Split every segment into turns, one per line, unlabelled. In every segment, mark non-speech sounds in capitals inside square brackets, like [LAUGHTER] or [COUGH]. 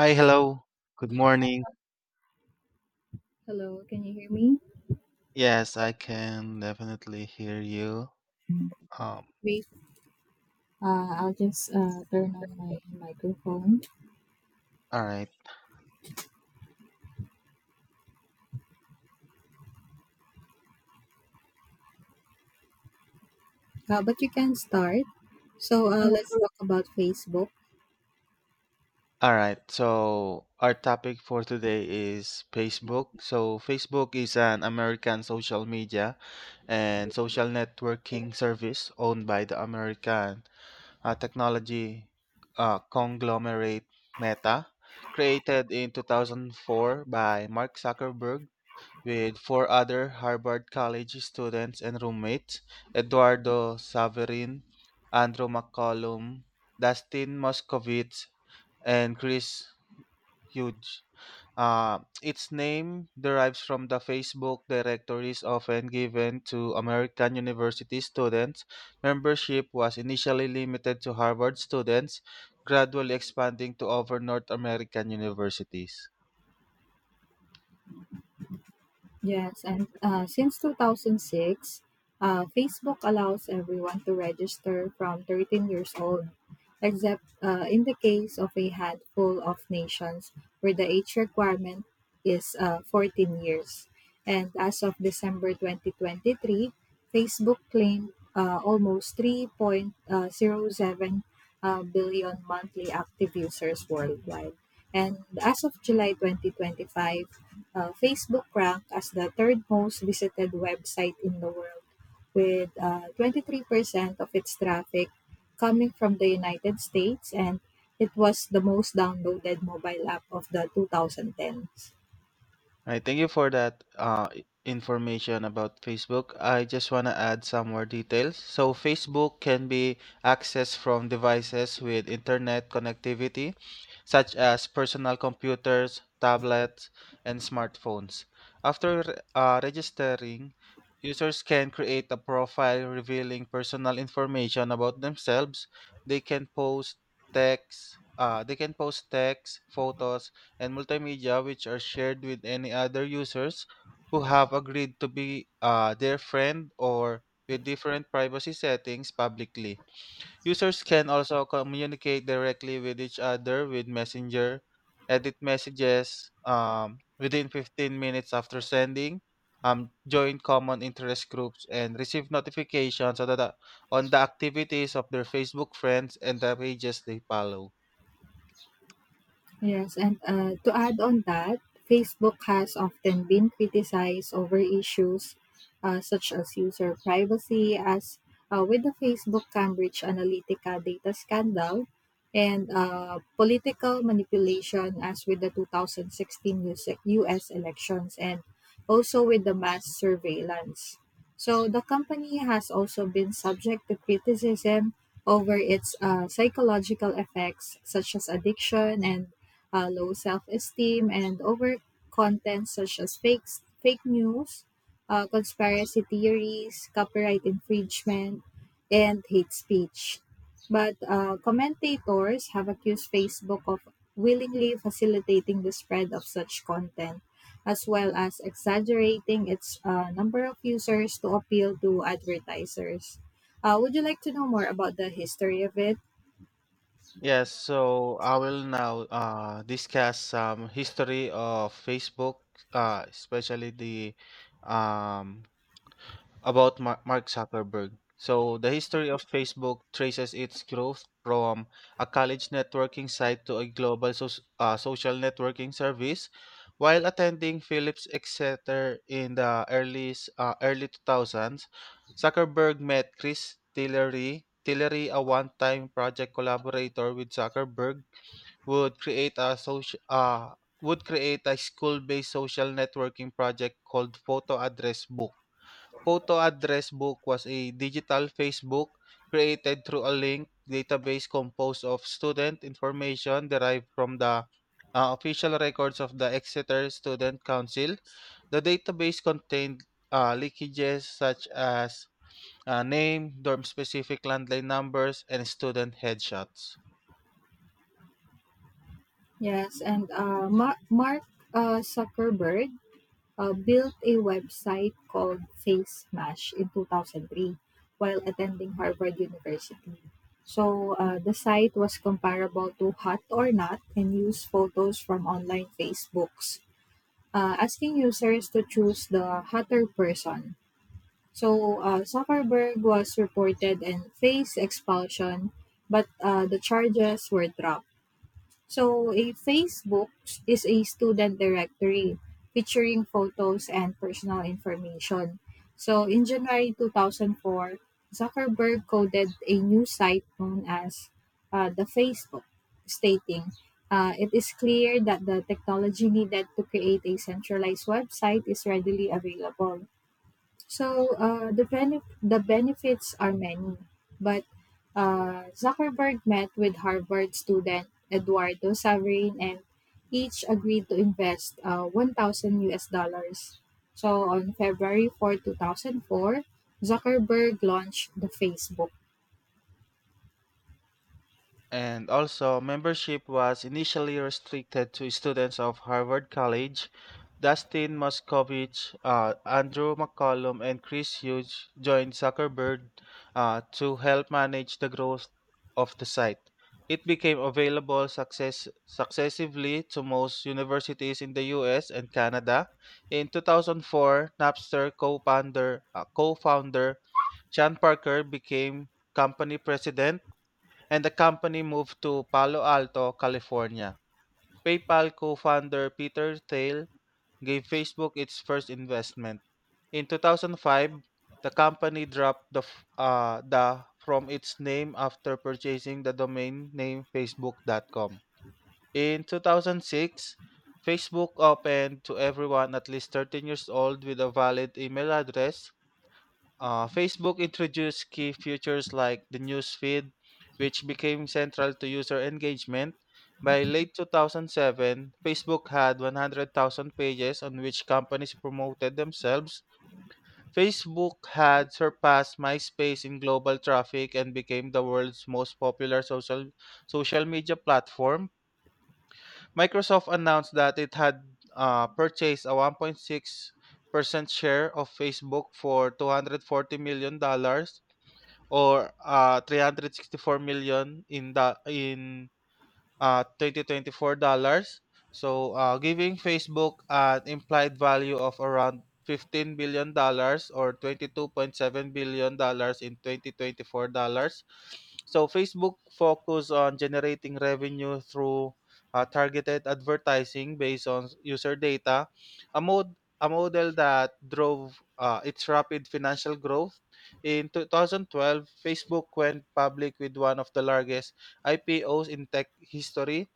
Hi, hello. Good morning.
Hello, can you hear me?
Yes, I can definitely hear you. Um,
Wait, I'll just turn on my microphone.
all right.
But you can start. So
So,
let's talk about Facebook.
All right. So, our topic for today is Facebook. So, Facebook is an American social media and social networking service owned by the American technology conglomerate Meta, created in 2004 by Mark Zuckerberg with four other Harvard College students and roommates Eduardo Saverin, Andrew McCollum, Dustin Moskovitz, and Chris Hughes. Its name derives from the Facebook directories often given to American university students. Membership was initially limited to Harvard students, gradually expanding to over North American universities.
Yes, and since 2006, Facebook allows everyone to register from 13 years old, except in the case of a handful of nations where the age requirement is 14 years. And as of December 2023, Facebook claimed almost 3.07 billion monthly active users worldwide. And as of July 2025, Facebook ranked as the third most visited website in the world, with 23% of its traffic coming from the United States, and it was the most downloaded mobile app of the 2010s.
I thank you for that information about Facebook. I just want to add some more details. So, Facebook can be accessed from devices with internet connectivity such as personal computers, tablets, and smartphones. After registering, users can create a profile revealing personal information about themselves. They can post text, photos, and multimedia which are shared with any other users who have agreed to be their friend, or with different privacy settings publicly. Users can also communicate directly with each other with Messenger, edit messages within 15 minutes after sending, join common interest groups, and receive notifications on the activities of their Facebook friends and the pages they follow.
Yes, and to add on that, Facebook has often been criticized over issues such as user privacy, as with the Facebook Cambridge Analytica data scandal, and political manipulation, as with the 2016 US elections, and also with the mass surveillance. So the company has also been subject to criticism over its psychological effects, such as addiction and low self-esteem, and over content such as fake news, conspiracy theories, copyright infringement, and hate speech. But commentators have accused Facebook of willingly facilitating the spread of such content, as well as exaggerating its number of users to appeal to advertisers. Would you like to know more about the history of it?
Yes, so I will now discuss some history of Facebook, especially the um, about Mar- Mark Zuckerberg. So, the history of Facebook traces its growth from a college networking site to a global social networking service. While attending Phillips Exeter in the early 2000s, Zuckerberg met Chris Tillery. Tillery, a one-time project collaborator with Zuckerberg, would create a social uh, would create a school-based social networking project called Photo Address Book. Photo address book was a digital Facebook created through a linked database composed of student information derived from the official records of the Exeter Student Council. The database contained leakages such as name, dorm specific landline numbers, and student headshots.
Yes, and Mark Zuckerberg built a website called Face Smash in 2003 while attending Harvard University. So the site was comparable to Hot or Not and used photos from online Facebooks, asking users to choose the hotter person. So Zuckerberg was reported and faced expulsion, but the charges were dropped. So a Facebook is a student directory featuring photos and personal information. So in January 2004, Zuckerberg coded a new site known as the Facebook, stating, "It is clear that the technology needed to create a centralized website is readily available. So the benefits are many," but Zuckerberg met with Harvard student Eduardo Saverin and each agreed to invest $1,000. So on February 4th, 2004, Zuckerberg launched the Facebook.
And also, membership was initially restricted to students of Harvard College. Dustin Moskovich, Andrew McCollum, and Chris Hughes joined Zuckerberg to help manage the growth of the site. It became available successively to most universities in the US and Canada. In 2004, Napster co-founder Chan Parker became company president, and the company moved to Palo Alto, California. PayPal co-founder Peter Thiel gave Facebook its first investment. In 2005, the company dropped the from its name after purchasing the domain name facebook.com. In 2006, Facebook opened to everyone at least 13 years old with a valid email address. Facebook introduced key features like the news feed, which became central to user engagement. By late 2007, Facebook had 100,000 pages on which companies promoted themselves. Facebook had surpassed MySpace in global traffic and became the world's most popular social media platform. Microsoft announced that it had purchased a 1.6% share of Facebook for 240 million dollars, or, 4 million in 2024 dollars. So, giving Facebook an implied value of around 15 billion dollars, or 22.7 billion dollars in 2024 dollars. So, Facebook focus on generating revenue through targeted advertising based on user data, a model that drove its rapid financial growth. In 2012, Facebook went public with one of the largest IPOs in tech history.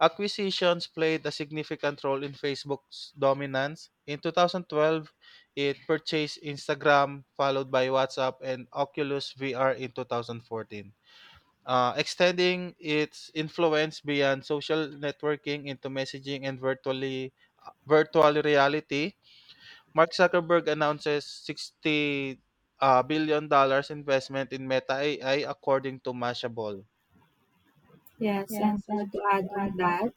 Acquisitions played a significant role in Facebook's dominance. In 2012, it purchased Instagram, followed by WhatsApp and Oculus VR in 2014, extending its influence beyond social networking into messaging and virtual reality. Mark Zuckerberg announces 60 billion dollars investment in Meta AI according to Mashable.
Yes, and
Yes, I would
to
like to
add on
add.
that,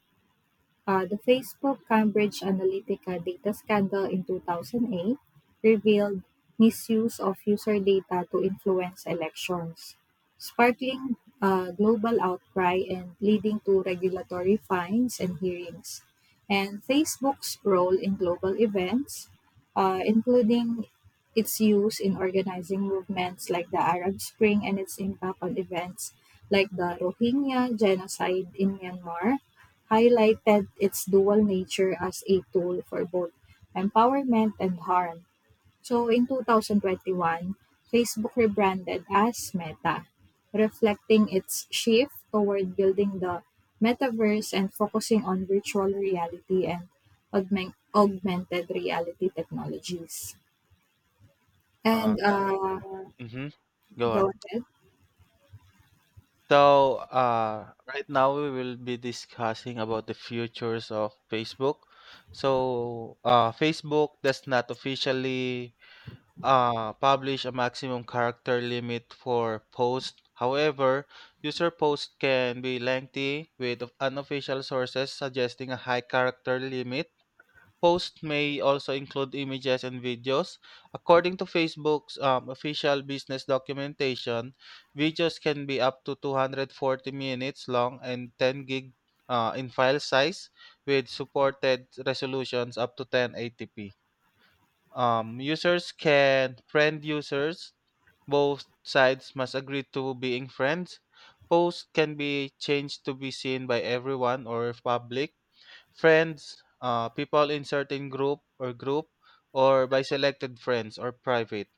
The Facebook Cambridge Analytica data scandal in 2008 revealed misuse of user data to influence elections, sparkling global outcry and leading to regulatory fines and hearings. And Facebook's role in global events, including its use in organizing movements like the Arab Spring and its impact on events like the Rohingya genocide in Myanmar highlighted its dual nature as a tool for both empowerment and harm. So in twenty one, Facebook rebranded as Meta, reflecting its shift toward building the metaverse and focusing on virtual reality and augmented reality technologies.
Uh
And
Yeah. Mm-hmm. Go
go
on.
ahead.
So, right now we will be discussing about the futures of Facebook. So, Facebook does not officially publish a maximum character limit for posts. However, user posts can be lengthy, with unofficial sources suggesting a high character limit. Posts may also include images and videos. According to Facebook's official business documentation, videos can be up to 240 minutes long and 10 gig in file size, with supported resolutions up to 1080p. Users can friend users. Both sides must agree to being friends. Posts can be changed to be seen by everyone or public friends, people in certain group or group, or by selected friends or private.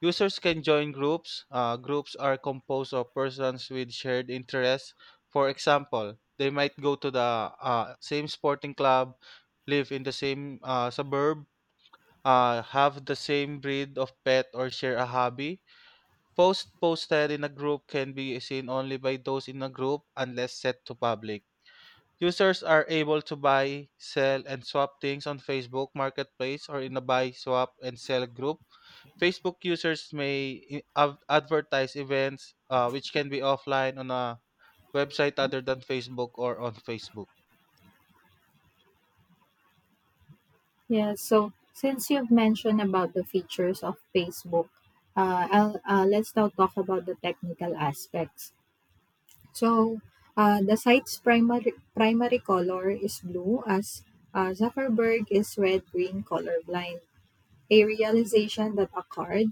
Users can join groups. Groups are composed of persons with shared interests. For example, they might go to the same sporting club, live in the same suburb, have the same breed of pet, or share a hobby. Posts posted in a group can be seen only by those in a group, unless set to public. Users are able to buy, sell, and swap things on Facebook Marketplace or in a buy, swap, and sell group. Facebook users may advertise events which can be offline on a website other than Facebook, or on Facebook.
Yeah, so since you've mentioned about the features of Facebook, let's now talk about the technical aspects. So the site's primary color is blue, as Zuckerberg is red-green colorblind, a realization that occurred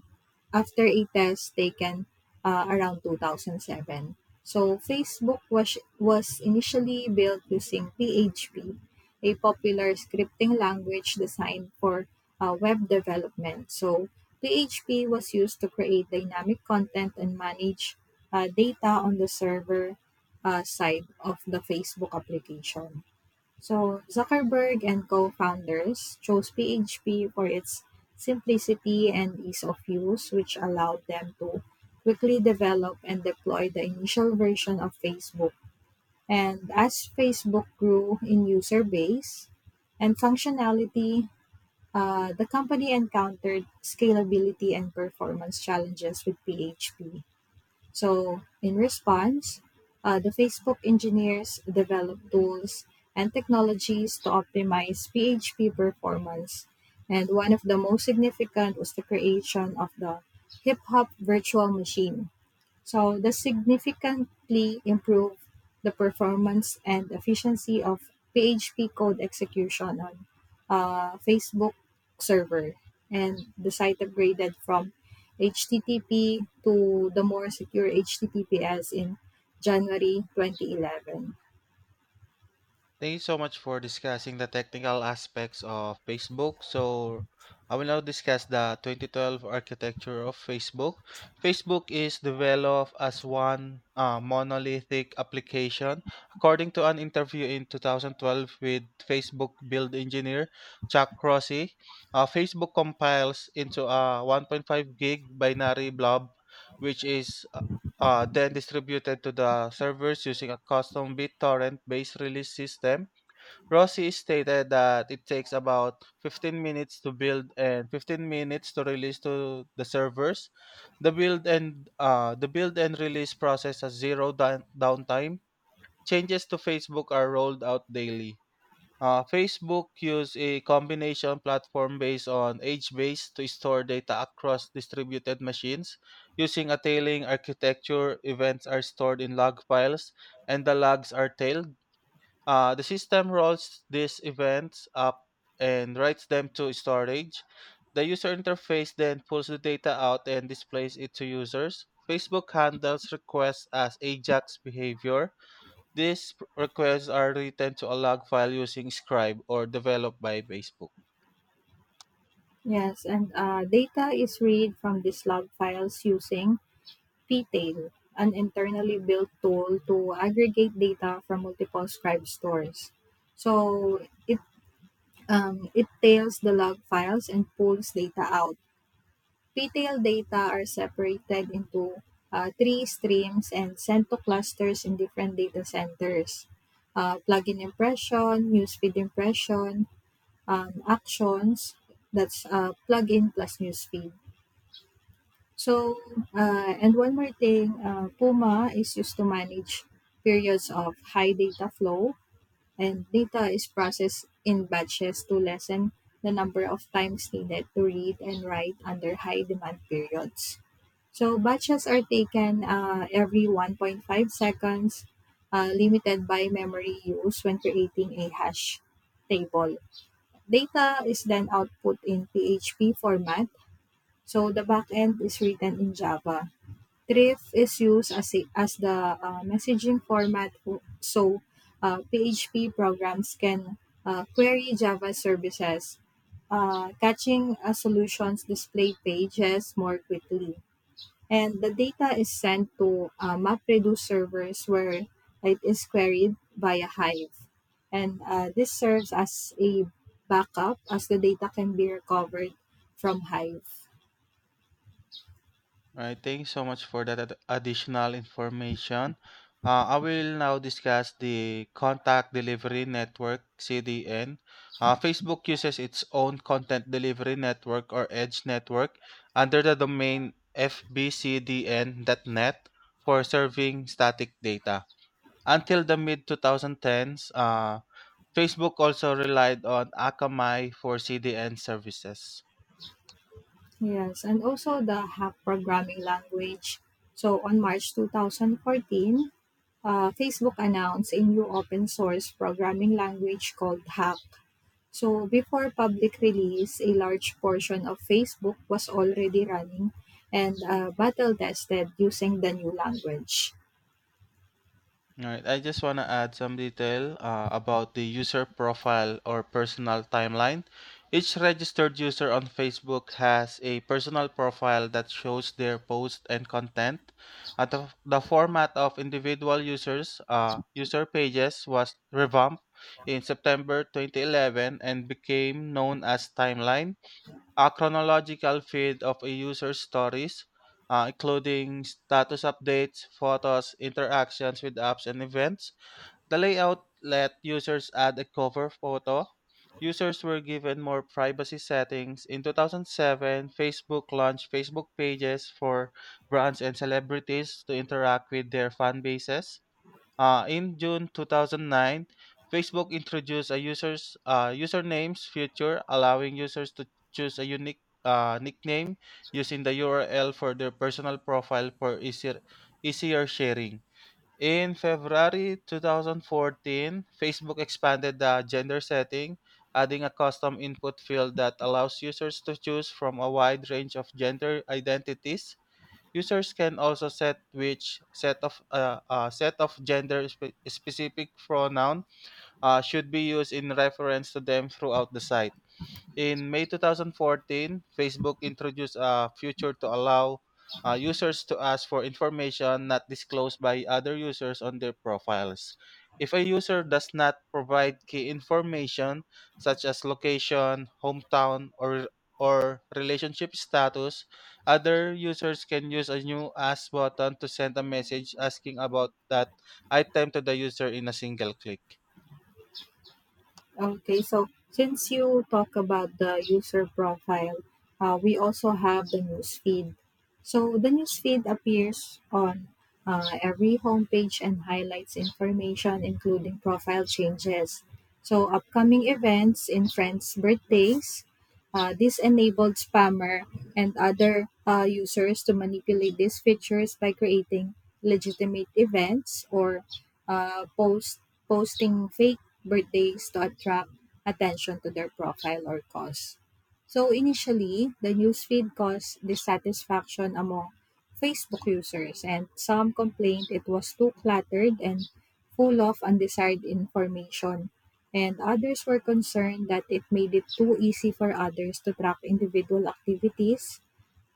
after a test taken around 2007. So Facebook was initially built using PHP, a popular scripting language designed for web development. So PHP was used to create dynamic content and manage data on the server side of the Facebook application. So Zuckerberg and co-founders chose PHP for its simplicity and ease of use, which allowed them to quickly develop and deploy the initial version of Facebook. And as Facebook grew in user base and functionality, the company encountered scalability and performance challenges with PHP. So, in response, the Facebook engineers developed tools and technologies to optimize PHP performance. And one of the most significant was the creation of the Hip Hop Virtual Machine, so this significantly improved the performance and efficiency of PHP code execution on Facebook server, and the site upgraded from HTTP to the more secure HTTPS in January 2011.
Thank you so much for discussing the technical aspects of Facebook. So, I will now discuss the 2012 architecture of Facebook. Facebook is developed as one monolithic application. According to an interview in 2012 with Facebook build engineer Chuck Crossy, Facebook compiles into a 1.5 gig binary blob, which is then distributed to the servers using a custom BitTorrent based release system. Rossi stated that it takes about 15 minutes to build and 15 minutes to release to the servers. The build and release process has zero downtime. Changes to Facebook are rolled out daily. Facebook used a combination platform based on age base to store data across distributed machines. Using a tailing architecture, events are stored in log files and the logs are tailed. The system rolls these events up and writes them to storage. The user interface then pulls the data out and displays it to users. Facebook handles requests as AJAX behavior. These requests are written to a log file using Scribe or developed by Facebook.
Yes, and data is read from these log files using P-Tail, an internally built tool to aggregate data from multiple scribe stores. So it tails the log files and pulls data out. P-Tail data are separated into three streams and sent to clusters in different data centers. Plugin impression, newsfeed impression, actions, that's plugin plus newsfeed, so, and one more thing, Puma is used to manage periods of high data flow, and data is processed in batches to lessen the number of times needed to read and write under high demand periods. So, batches are taken every 1.5 seconds, limited by memory use when creating a hash table. Data is then output in PHP format, so the backend is written in Java. Thrift is used as, as the messaging format so PHP programs can query Java services, catching a solution's display pages more quickly. And the data is sent to MapReduce servers where it is queried via Hive. And this serves as a backup as the data can be recovered from Hive.
Right, thank you so much for that additional information. I will now discuss the Contact Delivery Network (CDN). Facebook uses its own Content Delivery Network or Edge Network under the domain fbcdn.net for serving static data. Until the mid 2010s, Facebook also relied on Akamai for CDN services.
Yes, and also the hack programming language. So on March 2014, Facebook announced a new open source programming language called Hack. So before public release, a large portion of Facebook was already running and battle tested using the new language.
Alright, I just want to add some detail about the user profile or personal timeline. Each registered user on Facebook has a personal profile that shows their posts and content. The format of individual users, user pages was revamped in September 2011 and became known as Timeline, a chronological feed of a user's stories, including status updates, photos, interactions with apps, and events. The layout let users add a cover photo. Users were given more privacy settings. In 2007, Facebook launched Facebook pages for brands and celebrities to interact with their fan bases. In June 2009, Facebook introduced a users usernames feature, allowing users to choose a unique nickname using the URL for their personal profile for easier sharing. In February 2014, Facebook expanded the gender setting, adding a custom input field that allows users to choose from a wide range of gender identities. Users can also set which set of gender specific pronoun should be used in reference to them throughout the site. In May 2014, Facebook introduced a feature to allow users to ask for information not disclosed by other users on their profiles. If a user does not provide key information such as location, hometown, or relationship status, other users can use a new ask button to send a message asking about that item to the user in a single click.
Okay, so since you talk about the user profile, we also have the news feed. So the news feed appears on every homepage and highlights information, including profile changes. So upcoming events in friends' birthdays. This enabled spammer and other users to manipulate these features by creating legitimate events or uh, post posting fake birthdays to attract attention to their profile or cause. So initially, the newsfeed caused dissatisfaction among Facebook users and some complained it was too cluttered and full of undesired information. And others were concerned that it made it too easy for others to track individual activities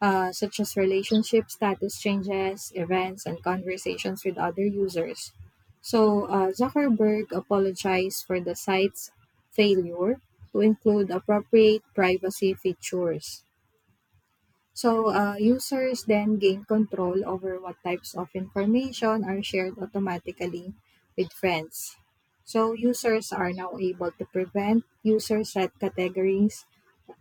such as relationship status changes, events, and conversations with other users. So, Zuckerberg apologized for the site's failure to include appropriate privacy features. So, users then gain control over what types of information are shared automatically with friends. So, users are now able to prevent users set categories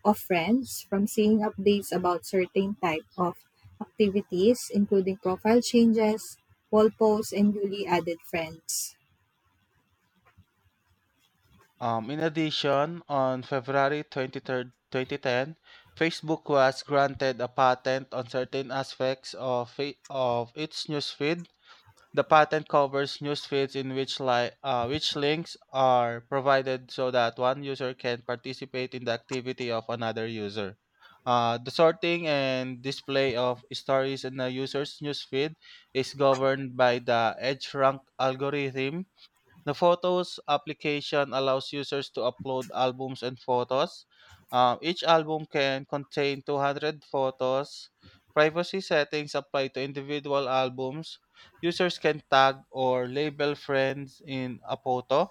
of friends from seeing updates about certain type of activities, including profile changes, wall posts, and newly added friends.
In addition, on February 23rd, 2010, Facebook was granted a patent on certain aspects of its newsfeed. The patent covers newsfeeds in which links are provided so that one user can participate in the activity of another user. The sorting and display of stories in a user's newsfeed is governed by the EdgeRank algorithm. The Photos application allows users to upload albums and photos. Each album can contain 200 photos. Privacy settings apply to individual albums. Users can tag or label friends in a photo.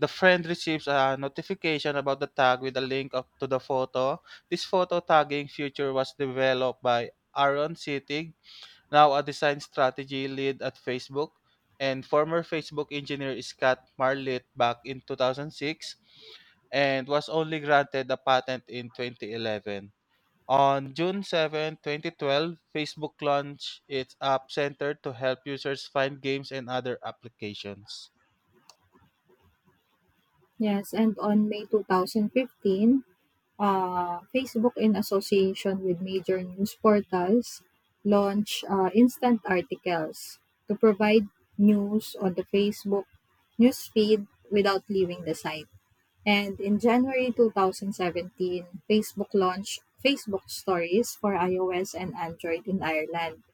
The friend receives a notification about the tag with a link up to the photo. This photo tagging feature was developed by Aaron City, now a design strategy lead at Facebook, and former Facebook engineer Scott Marlett back in 2006, and was only granted a patent in 2011. On June 7, 2012, Facebook launched its App Center to help users find games and other applications.
Yes, and on May 2015, Facebook, in association with major news portals, launched instant articles to provide news on the Facebook newsfeed without leaving the site. And in January 2017, Facebook launched Facebook Stories for iOS and Android in Ireland.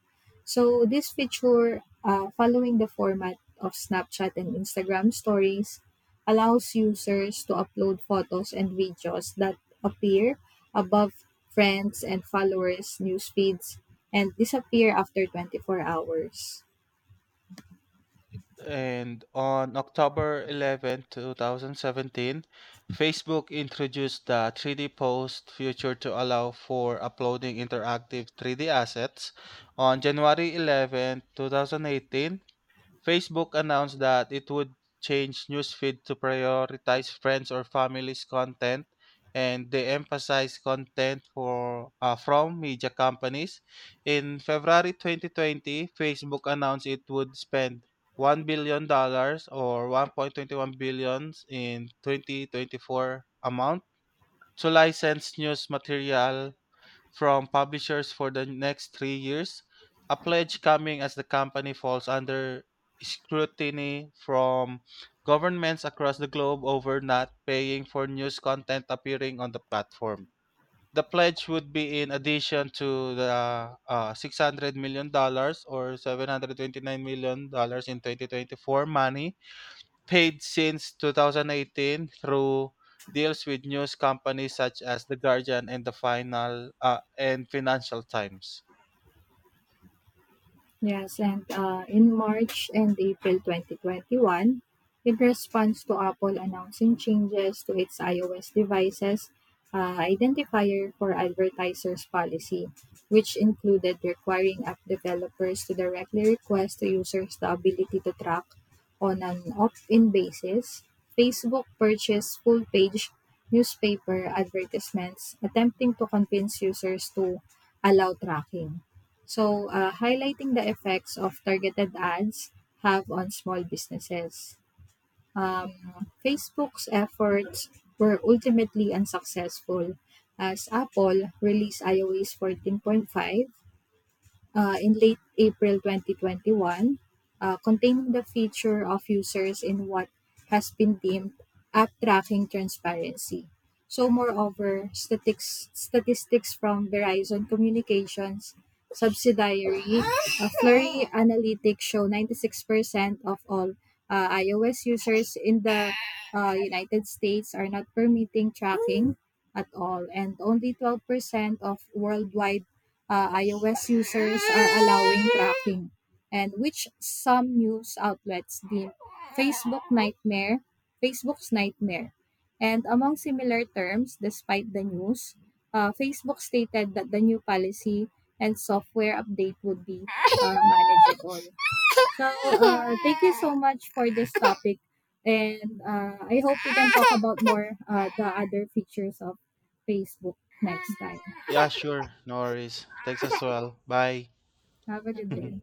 So this feature, following the format of Snapchat and Instagram Stories, allows users to upload photos and videos that appear above friends and followers' news feeds and disappear after 24 hours.
And on October 11, 2017, Facebook introduced the 3D Post feature to allow for uploading interactive 3D assets. On January 11, 2018, Facebook announced that it would change newsfeed to prioritize friends or families content, and they emphasize content for from media companies. In February 2020, Facebook announced it would spend $1 billion, or 1.21 billions in 2024 amount, to license news material from publishers for the next 3 years, a pledge coming as the company falls under scrutiny from governments across the globe over not paying for news content appearing on the platform. The pledge would be in addition to the $600 million dollars, or $729 million dollars in 2024 money, paid since 2018 through deals with news companies such as the Guardian and the Final and Financial Times.
Yes, and in March and April 2021, in response to Apple announcing changes to its iOS devices, identifier for advertisers policy, which included requiring app developers to directly request to users the ability to track on an opt-in basis, Facebook purchased full-page newspaper advertisements attempting to convince users to allow tracking. So, highlighting the effects of targeted ads have on small businesses. Facebook's efforts were ultimately unsuccessful as Apple released iOS fourteen point five, in late April 2021, containing the feature of users in what has been deemed app tracking transparency. So, moreover, statistics from Verizon Communications subsidiary Flurry Analytics show 96% of all iOS users in the United States are not permitting tracking at all, and only 12% of worldwide iOS users are allowing tracking, and which some news outlets deem Facebook nightmare, Facebook's nightmare. And among similar terms, despite the news, Facebook stated that the new policy and software update would be manageable. So, thank you so much for this topic. And I hope we can talk about more the other features of Facebook next time.
Yeah, sure. No worries. Thanks as well. Bye.
Have a good day.
[LAUGHS]